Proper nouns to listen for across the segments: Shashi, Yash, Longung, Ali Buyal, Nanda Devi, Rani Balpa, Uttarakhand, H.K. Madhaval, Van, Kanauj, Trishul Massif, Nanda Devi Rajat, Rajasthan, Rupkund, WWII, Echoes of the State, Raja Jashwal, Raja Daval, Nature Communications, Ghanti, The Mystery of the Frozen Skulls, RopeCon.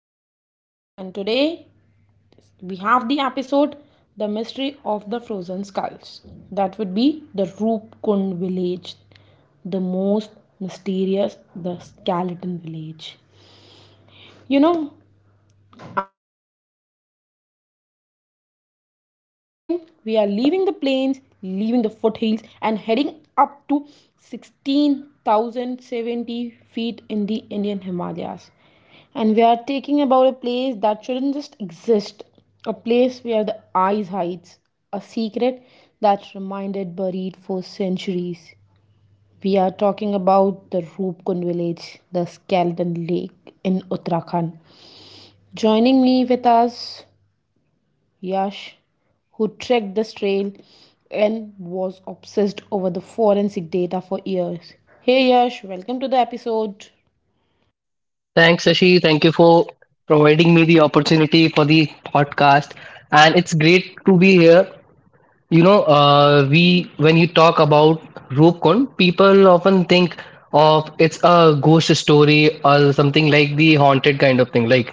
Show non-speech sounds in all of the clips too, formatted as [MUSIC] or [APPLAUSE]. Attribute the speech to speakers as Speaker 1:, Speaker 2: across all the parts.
Speaker 1: State. And today we have the episode The Mystery of the Frozen Skulls. That would be the Rupkund village, the most mysterious, the skeleton village. You know, I'm your host Shashi, and we are climbing. We are leaving the plains, leaving the foothills, and heading up to 16,070 feet in the Indian Himalayas. And we are taking about a place that shouldn't just exist, a place where the ice hides, a secret that's remained buried for centuries. We are talking about the Roopkund village, the Skeleton Lake in Uttarakhand. Joining me with us, Yash, who trekked this trail and was obsessed over the forensic data for years. Hey Yash, welcome to the episode.
Speaker 2: Thanks, Ashi. Thank you for providing me the opportunity for the podcast. And it's great to be here. You know, we When you talk about RopeCon, people often think of it's a ghost story or something like the haunted kind of thing. Like,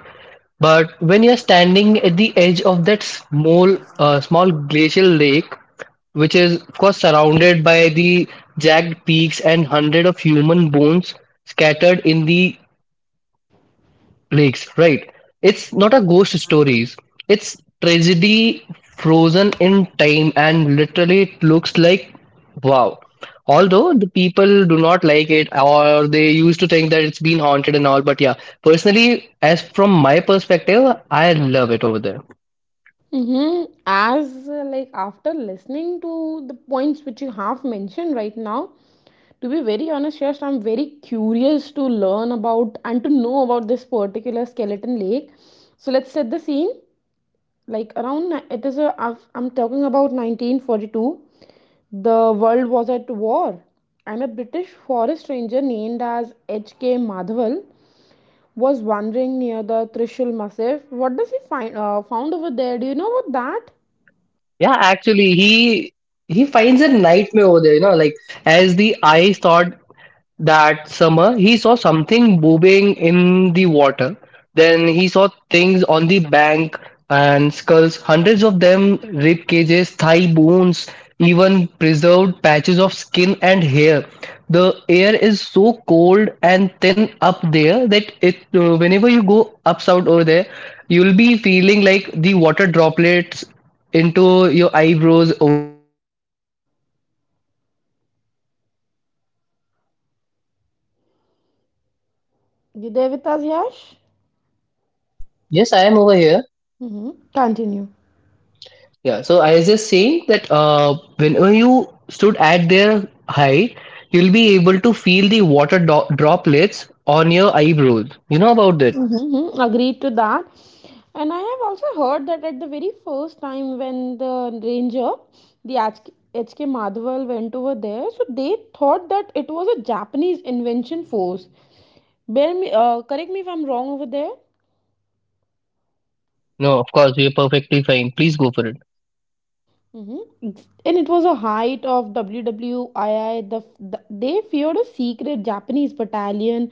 Speaker 2: but when you're standing at the edge of that small, small glacial lake, which is of course surrounded by the jagged peaks and hundred of human bones scattered in the Lakes, right. It's not a ghost stories. It's tragedy frozen in time and literally it looks like wow. Although the people do not like it or they used to think that it's been haunted and all, but yeah, personally, as from my perspective, I love it over there.
Speaker 1: Mm-hmm. As like after listening to the points which you have mentioned right now, to be very honest, Yash, I'm very curious to learn about and to know about this particular skeleton lake. So let's set the scene. It is a, I'm talking about 1942. The world was at war, and a British forest ranger named as H.K. Madhaval was wandering near the Trishul Massif. What does he find found over there? Do you know about that?
Speaker 2: Yeah, actually, he finds a nightmare over there, you know, like as the eyes thought. That summer, he saw something bobbing in the water. Then he saw things on the bank and skulls, hundreds of them, rib cages, thigh bones, even preserved patches of skin and hair. The air is so cold and thin up there that it, whenever you go up south over there, you'll be feeling like the water droplets into your eyebrows over there as well. You know about it?
Speaker 1: You there with us, Yash?
Speaker 2: Yes, I am over here.
Speaker 1: Mm-hmm. Continue.
Speaker 2: Yeah, so I was just saying that whenever you stood at their height, you'll be able to feel the water droplets on your eyebrows. You know about that?
Speaker 1: Mm-hmm. Agreed to that. And I have also heard that at the very first time when the ranger, the HK Madhaval, went over there, so they thought that it was a Japanese invention force. Correct me if I'm wrong over there.
Speaker 2: No, of course, we are perfectly fine. Please go for it.
Speaker 1: Mm-hmm. And it was a height of WWII. They feared a secret Japanese battalion,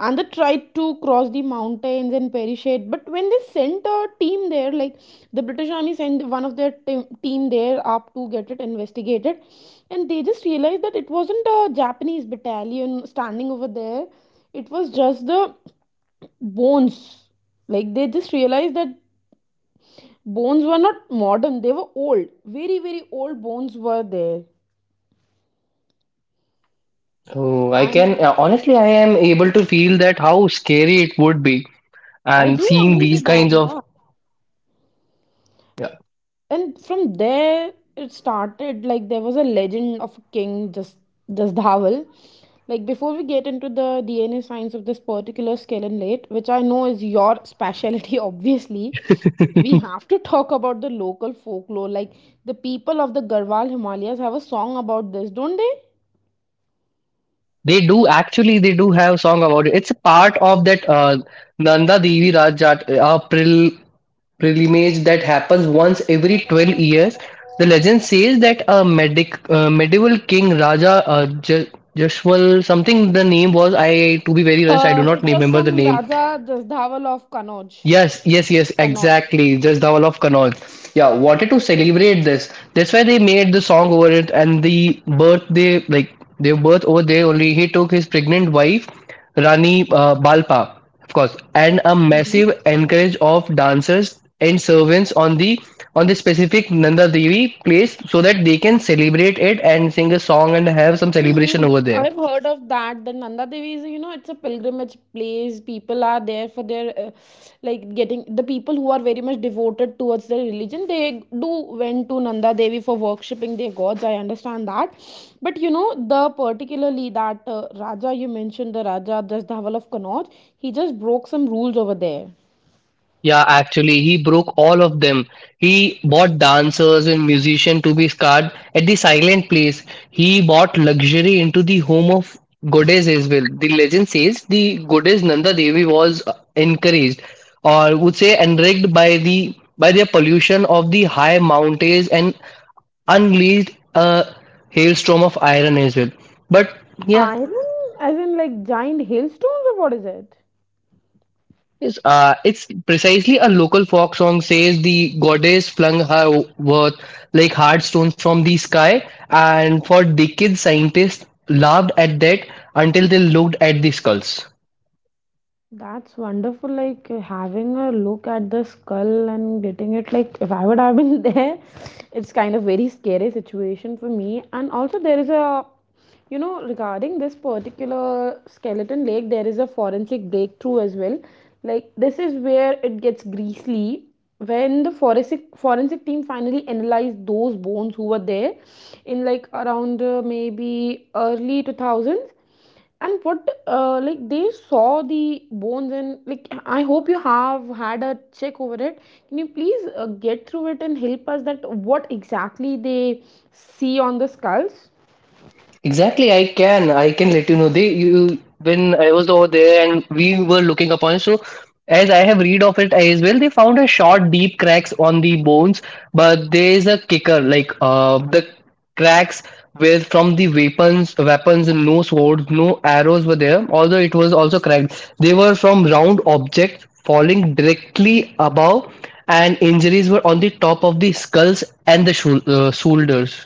Speaker 1: and they tried to cross the mountains and perish it. But when they sent a team there, like the British Army sent one of their team there up to get it investigated, and they just realized that it wasn't a Japanese battalion standing over there. It was just the bones. Like they just realized that bones were not modern, they were old, very very old bones were there.
Speaker 2: Oh, I can
Speaker 1: And
Speaker 2: honestly, I am able to feel that how scary it would be,
Speaker 1: I
Speaker 2: and
Speaker 1: do
Speaker 2: seeing
Speaker 1: agree to
Speaker 2: these
Speaker 1: that,
Speaker 2: kinds of.
Speaker 1: yeah.
Speaker 2: Yeah,
Speaker 1: And from there it started, like there was a legend of a king, just Dhaval. Like before we get into the DNA science of this particular skeleton, which I know is your specialty, [LAUGHS] obviously we have to talk about the local folklore. Like the people of the Garhwal Himalayas have a song about this, don't they?
Speaker 2: they do actually, they do have song about it. It's a part of that Nanda Devi Rajat prel pilgrimage that happens once every 12 years. The legend says that a medieval king Raja Jashwal something the name was, I to be very honest I do
Speaker 1: It
Speaker 2: not
Speaker 1: was
Speaker 2: remember the
Speaker 1: some
Speaker 2: name.
Speaker 1: Raja Daval of Kanauj.
Speaker 2: Yes, yes, yes,
Speaker 1: Kanauj.
Speaker 2: exactly. Just Dhawal of Connaught. Yeah, wanted to celebrate this. That's why they made the song over it and the birthday, like their birth over there only. He took his pregnant wife, Rani Balpa, of course, and a
Speaker 1: Mm-hmm.
Speaker 2: massive encourage of dancers and servants on the specific Nanda Devi place so that they can celebrate it and sing a song and have some celebration
Speaker 1: Hmm.
Speaker 2: over there.
Speaker 1: I've heard of that. The Nanda Devi is, you know, it's a pilgrimage place. People are there for their, like, getting the people who are very much devoted towards their religion. They do went to Nanda Devi for worshipping their gods. I understand that, but you know, the particularly that Raja you mentioned, the Raja Daval of Kanauj, he just broke some rules over there.
Speaker 2: Yeah, actually, he broke all of them. He bought dancers and musicians to be scarred at the silent place. He bought luxury into the home of goddess as well. The legend says the goddess Nanda Devi was encouraged, or would say enraged by their pollution of the high mountains and unleashed a hailstorm of iron as well. But yeah.
Speaker 1: Iron, as in like giant hailstones, or what is it?
Speaker 2: Yes, it's precisely a local folk song says the goddess flung her worth like hard stones from the sky, and for decades scientists laughed at that until they looked at the skulls.
Speaker 1: That's wonderful. Like having a look at the skull and getting it, like if I would have been [LAUGHS] there, it's kind of very scary situation for me. And also there is a, you know, regarding this particular skeleton lake, there is a forensic breakthrough as well. Like this is where it gets greasy. When the forensic team finally analyzed those bones who were there in like around maybe early 2000s, and what like they saw the bones and like I hope you have had a check over it. Can you please get through it and help us that what exactly they see on the skulls?
Speaker 2: Exactly, I can. I can let you know. They you when I was over there and we were looking upon. So as I have read of it as well, they found a short, deep cracks on the bones, but there is a kicker like the cracks were from the weapons and no swords, no arrows were there. Although it was also cracked, they were from round objects falling directly above, and injuries were on the top of the skulls and the shoulders.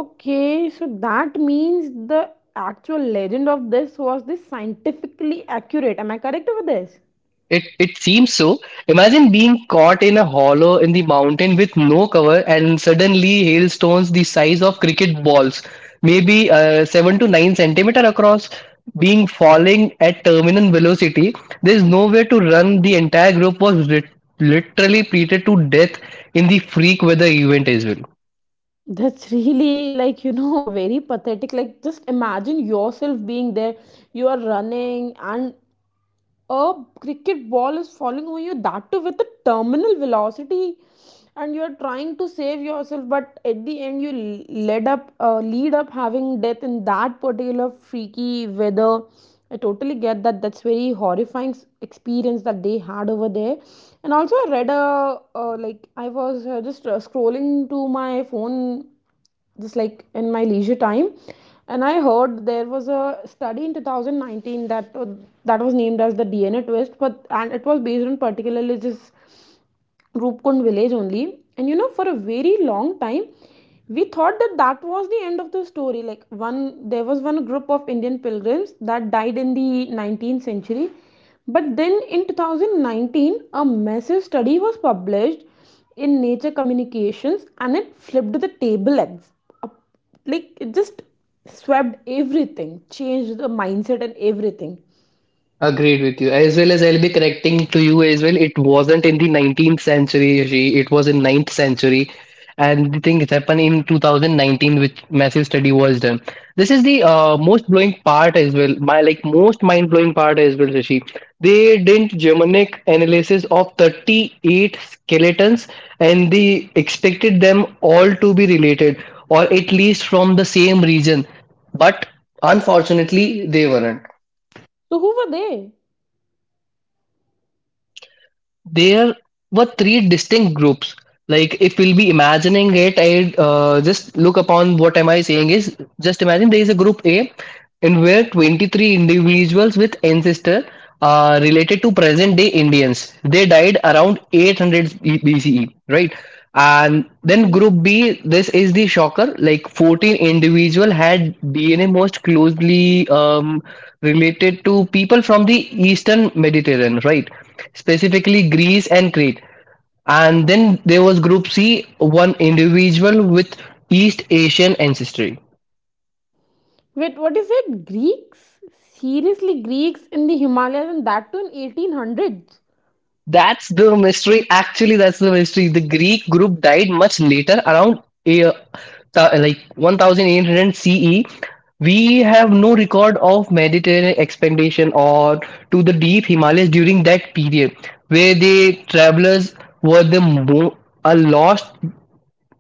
Speaker 1: Okay, so that means the actual legend of this was this scientifically accurate, am I correct over this?
Speaker 2: It seems so. Imagine being caught in a hollow in the mountain with no cover and suddenly hailstones the size of cricket balls, maybe 7 to 9 centimeter across, being falling at terminal velocity. There's nowhere to run. The entire group was literally treated to death in the freak weather event as well.
Speaker 1: That's really, like, you know, [LAUGHS] very pathetic. Like just imagine yourself being there. You are running and a cricket ball is falling on you, that too with a terminal velocity, and you are trying to save yourself, but at the end you led up lead up having death in that particular freaky weather. I totally get that, that's very horrifying experience that they had over there. And also I read a like I was just scrolling to my phone, just like in my leisure time, and I heard there was a study in 2019 that that was named as the DNA twist, but and it was based on particularly just Rupkund village only. And you know, for a very long time, we thought that that was the end of the story. Like one, there was one group of Indian pilgrims that died in the 19th century. But then in 2019, a massive study was published in Nature Communications, and it flipped the table. Like it just swept everything, changed the mindset and everything.
Speaker 2: Agreed with you. As well as I'll be correcting to you as well. It wasn't in the 19th century, Rishi. It was in ninth century. And the thing it happened in 2019, which massive study was done. This is the most blowing part as well. My like most mind blowing part as well, Rishi. They did Germanic analysis of 38 skeletons, and they expected them all to be related, or at least from the same region. But unfortunately, they weren't.
Speaker 1: So who were they?
Speaker 2: There were three distinct groups. Like if we'll be imagining it, I just look upon what am I saying, is just imagine there is a group A in where 23 individuals with ancestor related to present day Indians, they died around 800 BCE, right. And then
Speaker 1: Mm-hmm.
Speaker 2: group B, this is the shocker, like 14 individual had DNA most closely related to people from the eastern Mediterranean, right, specifically Greece and Crete. And then there was Group C, one individual with East Asian ancestry.
Speaker 1: Wait, what is it? Greeks? Seriously, Greeks in the Himalayas and that too in 1800s?
Speaker 2: That's the mystery. Actually, that's the mystery. The Greek group died much later, around a, th- like 1800 CE. We have no record of Mediterranean expedition or to the deep Himalayas during that period, where the travelers were are lost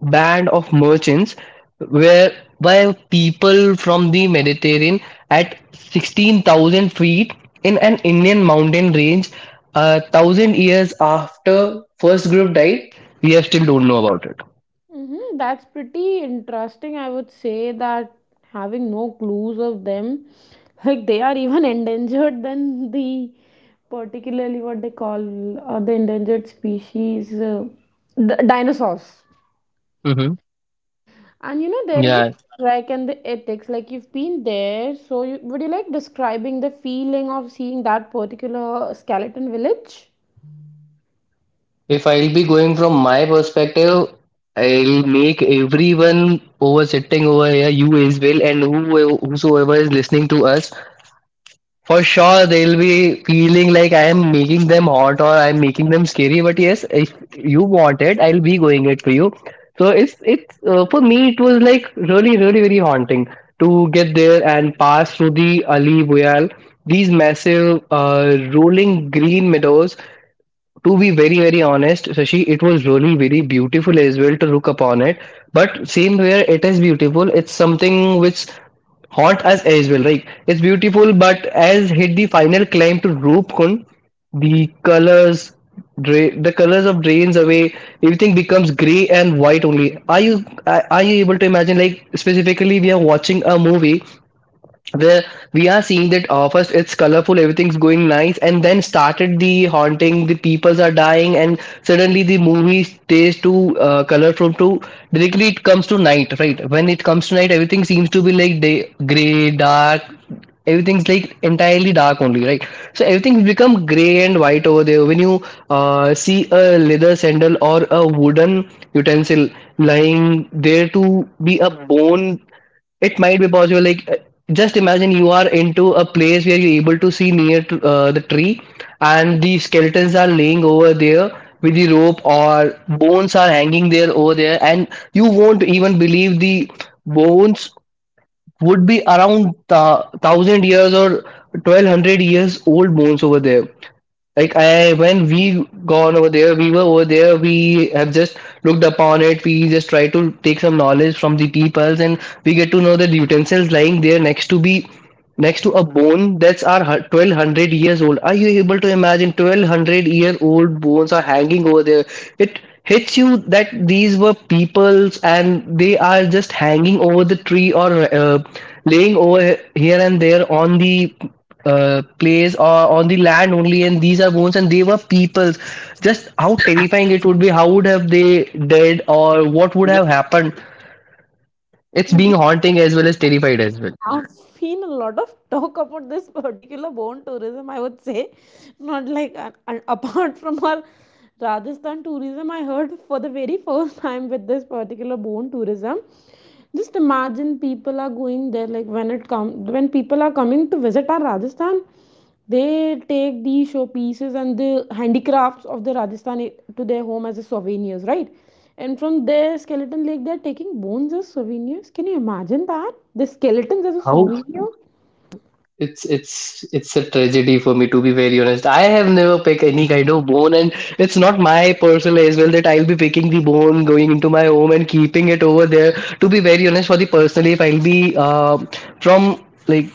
Speaker 2: band of merchants were by people from the Mediterranean at 16,000 feet in an Indian mountain range a thousand years after first group died. We have still don't know about it.
Speaker 1: Mm-hmm, that's pretty interesting. I would say that having no clues of them, [LAUGHS] like they are even [LAUGHS] endangered than the particularly what they call the endangered species, dinosaurs.
Speaker 2: Mm-hmm.
Speaker 1: And you know there is a
Speaker 2: Yeah,
Speaker 1: trek and the ethics. Like you've been there, so you, would you like describing the feeling of seeing that particular skeleton village?
Speaker 2: if I'll be going from my perspective, I'll make everyone over sitting over here, you as well, and whoever, whosoever is listening to us, for sure, they'll be feeling like I am making them hot or I'm making them scary. But yes, if you want it, I'll be going it for you. So it's for me. It was like really, really, very haunting to get there and pass through the Ali Buyal, these massive, rolling green meadows. To be very very honest Shashi, it was really very beautiful as well to look upon it, but same where it is beautiful, it's something which haunt us as well, right. It's beautiful, but as hit the final climb to Roopkund, the the colors of drains away, everything becomes gray and white only. Are you are you able to imagine, like specifically we are watching a movie where we are seeing that first it's colorful, everything's going nice, and then started the haunting, the peoples are dying, and suddenly the movie stays too colorful to directly it comes to night, right. When it comes to night, everything seems to be like day gray dark, everything's like entirely dark only, right. So everything's become gray and white over there. When you see a leather sandal or a wooden utensil lying there to be a bone, it might be possible. Like, just imagine you are into a place where you're able to see near to, the tree, and the skeletons are laying over there with the rope, or bones are hanging there over there, and you won't even believe the bones would be around thousand years or 1,200 years old bones over there. Like I, when we gone over there, we were over there. We have just looked upon it. We just try to take some knowledge from the peoples, and we get to know that utensils lying there next to a bone that's are 1200 years old. Are you able to imagine 1200 year old bones are hanging over there? It hits you that these were peoples and they are just hanging over the tree or laying over here and there on the place or on the land only, and these are bones and they were peoples. Just how terrifying it would be, how would have they dead or what would have happened.
Speaker 1: [LAUGHS]
Speaker 2: It's being
Speaker 1: Mhm.
Speaker 2: haunting as well as terrified as well.
Speaker 1: I've seen a lot of talk about this particular bone tourism, I would say, not like and apart from our Rajasthan tourism, I heard for the very first time with this particular bone tourism. Just imagine people are going there, like when it come when people are coming to visit our Rajasthan, they take the show pieces and the handicrafts of the Rajasthan to their home as a souvenirs, right? And from their skeleton lake, they're taking bones as souvenirs. Can you imagine that? The skeletons as a
Speaker 2: How
Speaker 1: souvenir?
Speaker 2: It's it's a tragedy for me to be very honest. I have never picked any kind of bone, and it's not my personal as well that I'll be picking the bone, going into my home and keeping it over there. To be very honest, for the personally, if I'll be from like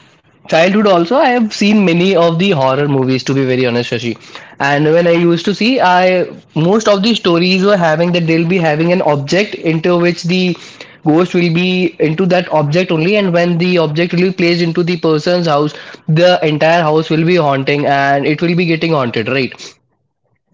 Speaker 2: childhood also, I have seen many of the horror movies. To be very honest, Shashi, and when I used to see, I most of the stories were having that they'll be having an object into which the ghost will be into that object only, and when the object will be placed into the person's house, the entire house will be haunting and it will be getting haunted, right.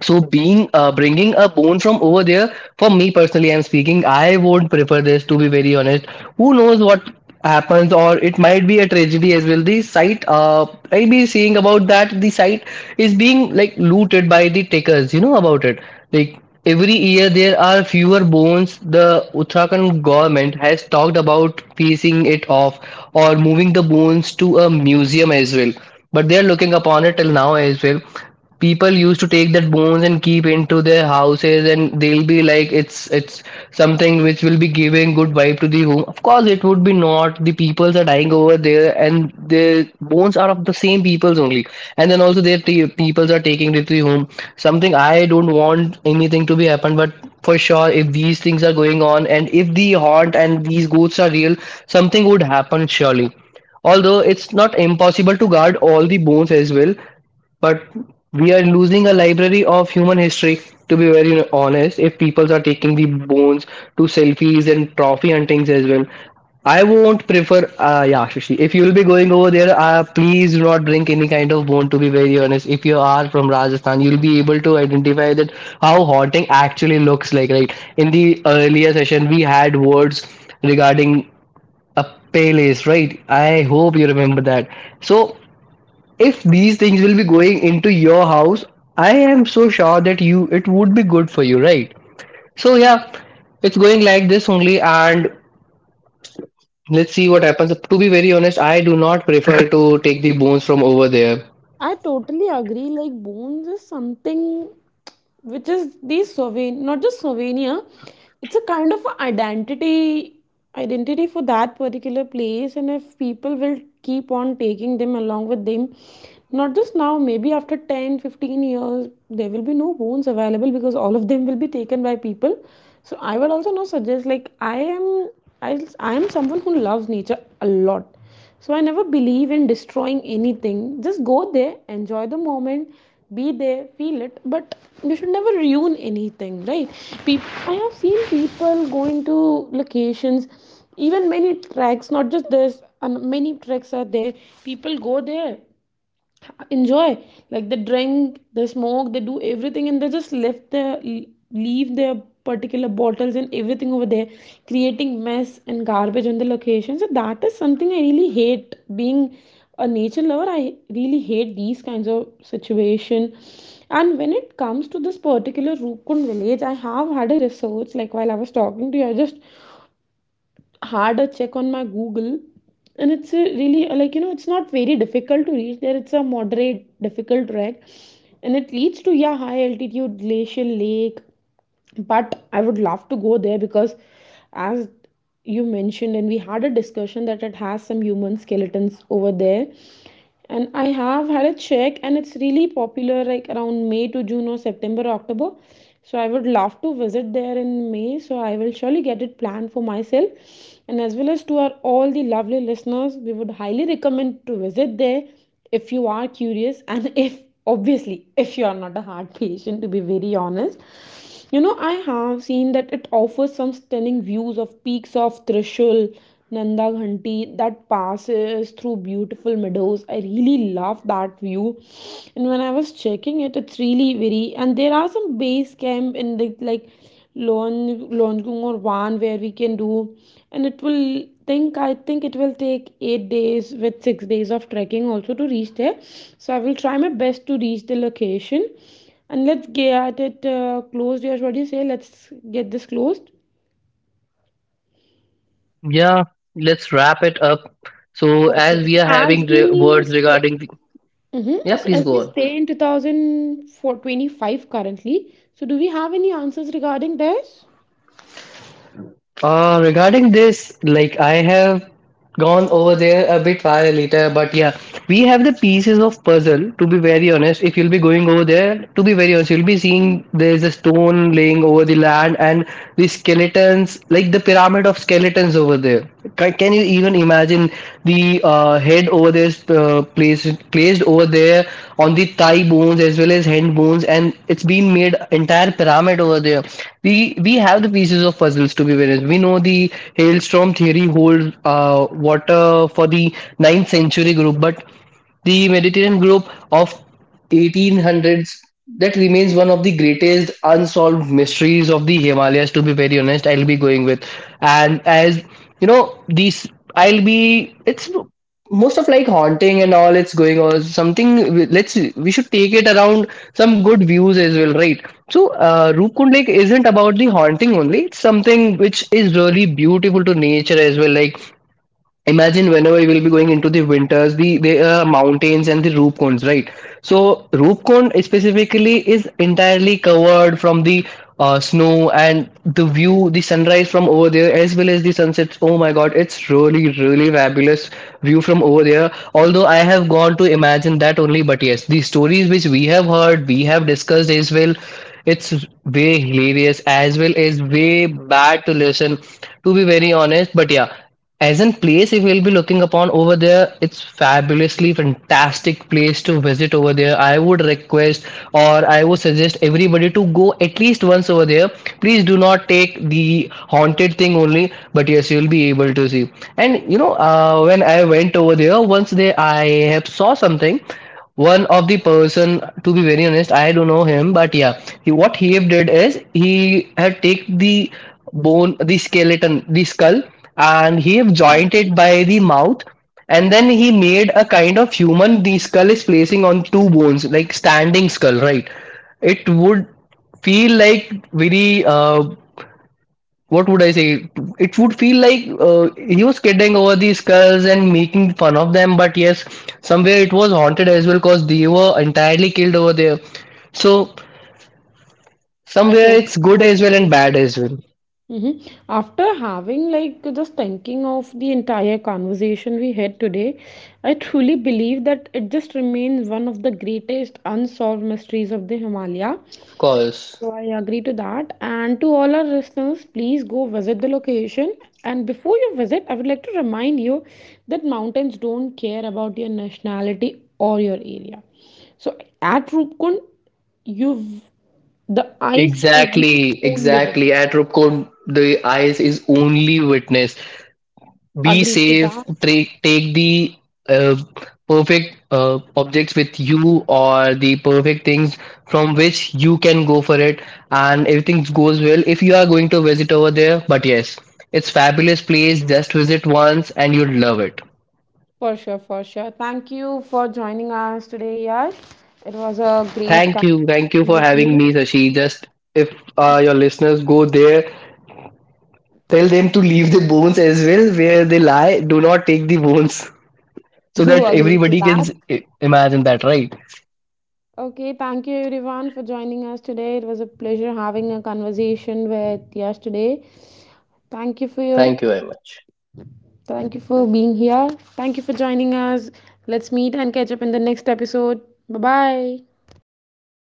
Speaker 2: So being bringing a bone from over there, for me personally, I'm speaking, I won't prefer this to be very honest. Who knows what happens, or it might be a tragedy as well. The site, I be seeing about that. The site is being like looted by the takers. You know about it. Like every year, there are fewer bones. The Uttarakhand government has talked about piecing it off or moving the bones to a museum as well. But they are looking upon it till now as well, people used to take that bones and keep into their houses and they'll be like it's something which will be giving good vibe to the home. Of course it would be not, the peoples are dying over there and the bones are of the same peoples only. And then also peoples are taking it to the home. Something, I don't want anything to be happen, but for sure if these things are going on and if the haunt and these ghosts are real, something would happen surely. Although it's not impossible to guard all the bones as well, but we are losing a library of human history. To be very honest, if people are taking the bones to selfies and trophy huntings as well, I won't prefer. Yeah Shashi, if you'll be going over there, please do not bring any kind of bone. To be very honest, if you are from Rajasthan, you'll be able to identify that how haunting actually looks like, right? In the earlier session we had words regarding a palace, right? I hope you remember that. So if these things will be going into your house, I am so sure that you, it would be good for you, right? So yeah, it's going like this only, and let's see what happens. To be very honest, I do not prefer to take the bones from over there.
Speaker 1: I totally agree. Like bones is something which is the souvenir, not just souvenir. It's a kind of identity, identity for that particular place. And if people will keep on taking them along with them, not just now, maybe after 10, 15 years, there will be no bones available because all of them will be taken by people. So I would also not suggest, like I am, I am someone who loves nature a lot. So I never believe in destroying anything. Just go there, enjoy the moment, be there, feel it. But you should never ruin anything, right? People, I have seen people going to locations, even many tracks, not just this, and many tracks are there. People go there, enjoy, like they drink, they smoke, they do everything, and they just left their leave their particular bottles and everything over there, creating mess and garbage on the location. So that is something I really hate. Being a nature lover, I really hate these kinds of situation. And when it comes to this particular Rukun village, I have had a research, like while I was talking to you I just harder check on my Google, and it's a really like, you know, it's not very difficult to reach there. It's a moderate difficult trek, and it leads to yeah high altitude glacial lake. But I would love to go there because, as you mentioned, and we had a discussion that it has some human skeletons over there. And I have had a check and it's really popular like around May to June or September or October. So I would love to visit there in May, so I will surely get it planned for myself. And as well as to our all the lovely listeners, we would highly recommend to visit there if you are curious [LAUGHS] and if obviously if you are not a heart patient, to be very honest. You know I have seen that it offers some stunning views of peaks of Trishul, Nanda Ghanti, that passes through beautiful meadows. I really love that view. And when I was checking it, it's really very, and there are some base camp in the like Longung or Van where we can do. And it will think I think it will take 8 days with 6 days of trekking also to reach there. So I will try my best to reach the location. And let's get it closed, Yash, what do you say? Let's get this closed.
Speaker 2: Yeah, let's wrap it up. So as we are
Speaker 1: As
Speaker 2: having
Speaker 1: we
Speaker 2: words
Speaker 1: stay,
Speaker 2: regarding the—
Speaker 1: hmm,
Speaker 2: Yeah,
Speaker 1: so
Speaker 2: please
Speaker 1: as
Speaker 2: go
Speaker 1: we
Speaker 2: on.
Speaker 1: stay in 2025 currently, so do we have any answers regarding this?
Speaker 2: Regarding this, like, I have gone over there a bit while later, but yeah, we have the pieces of puzzle. To be very honest, if you'll be going over there, to be very honest, you'll be seeing there's a stone laying over the land and the skeletons, like the pyramid of skeletons over there. Can you even imagine the head over there placed over there on the thigh bones as well as hand bones, and it's been made entire pyramid over there. We have the pieces of puzzles, to be honest. We know the hailstorm theory holds water for the ninth century group, but the Mediterranean group of 1800s, that remains one of the greatest unsolved mysteries of the Himalayas. To be very honest, I'll be going with, and as you know these, I'll be, it's most of like haunting and all, it's going on, something, let's, we should take it around some good views as well, right? So Rupkund Lake isn't about the haunting only. It's something which is really beautiful to nature as well. Like imagine whenever we will be going into the winters, there are mountains and the roof cones, right? So roof cone specifically is entirely covered from the snow, and the view, the sunrise from over there as well as the sunsets, oh my god, it's really really fabulous view from over there. Although I have gone to imagine that only, but yes, the stories which we have heard, we have discussed as well, it's way hilarious as well as way bad to listen, to be very honest, but yeah, as in place, if we'll be looking upon over there, it's fabulously fantastic place to visit over there. I would request or I would suggest everybody to go at least once over there. Please do not take the haunted thing only, but yes, you'll be able to see. And you know, when I went over there, once there, I have saw something. One of the person, to be very honest, I don't know him, but yeah, he, what he have did is he had take the bone, the skeleton, the skull, and he have joined it by the mouth, and then he made a kind of human, the skull is placing on two bones, like standing skull, right? It would feel like very what would I say, it would feel like he was kidding over these skulls and making fun of them. But yes, somewhere it was haunted as well, because they were entirely killed over there. So
Speaker 1: I
Speaker 2: somewhere it's
Speaker 1: totally
Speaker 2: good
Speaker 1: agree.
Speaker 2: as well and bad as well.
Speaker 1: Mhm. After having, like, just thinking of the entire conversation we had today, I truly believe that it just remains one of the greatest unsolved mysteries of the Himalaya.
Speaker 2: Of course.
Speaker 1: So I agree to that. And to all our listeners, please go visit the location. And before you visit, I would like to remind you that mountains don't care about your nationality or your area. So at Rupkund, you've the ice is the
Speaker 2: Exactly,
Speaker 1: only limit.
Speaker 2: exactly. At Rupco, the eyes is only witness. Be
Speaker 1: Agree to
Speaker 2: safe.
Speaker 1: that.
Speaker 2: Take the uh, perfect objects with you, or the perfect things from which you can go for it, and everything goes well if you are going to visit over there. But yes, it's fabulous place. Just visit once and you'll love it.
Speaker 1: For sure, for sure. Thank you for joining us today, Yash. It was a great
Speaker 2: Thank you for having me, Sashi. Just if your listeners go there, tell them to leave the bones as well where they lie. Do not take the bones,
Speaker 1: [LAUGHS]
Speaker 2: so
Speaker 1: to
Speaker 2: that
Speaker 1: agree to
Speaker 2: everybody can
Speaker 1: that.
Speaker 2: imagine that, right?
Speaker 1: Okay, thank you everyone for joining us today. It was a pleasure having a conversation with Yash today. Thank you for your,
Speaker 2: Thank you very much.
Speaker 1: thank you for being here. Thank you for joining us. Let's meet and catch up in the next episode. Bye bye.
Speaker 2: Bye.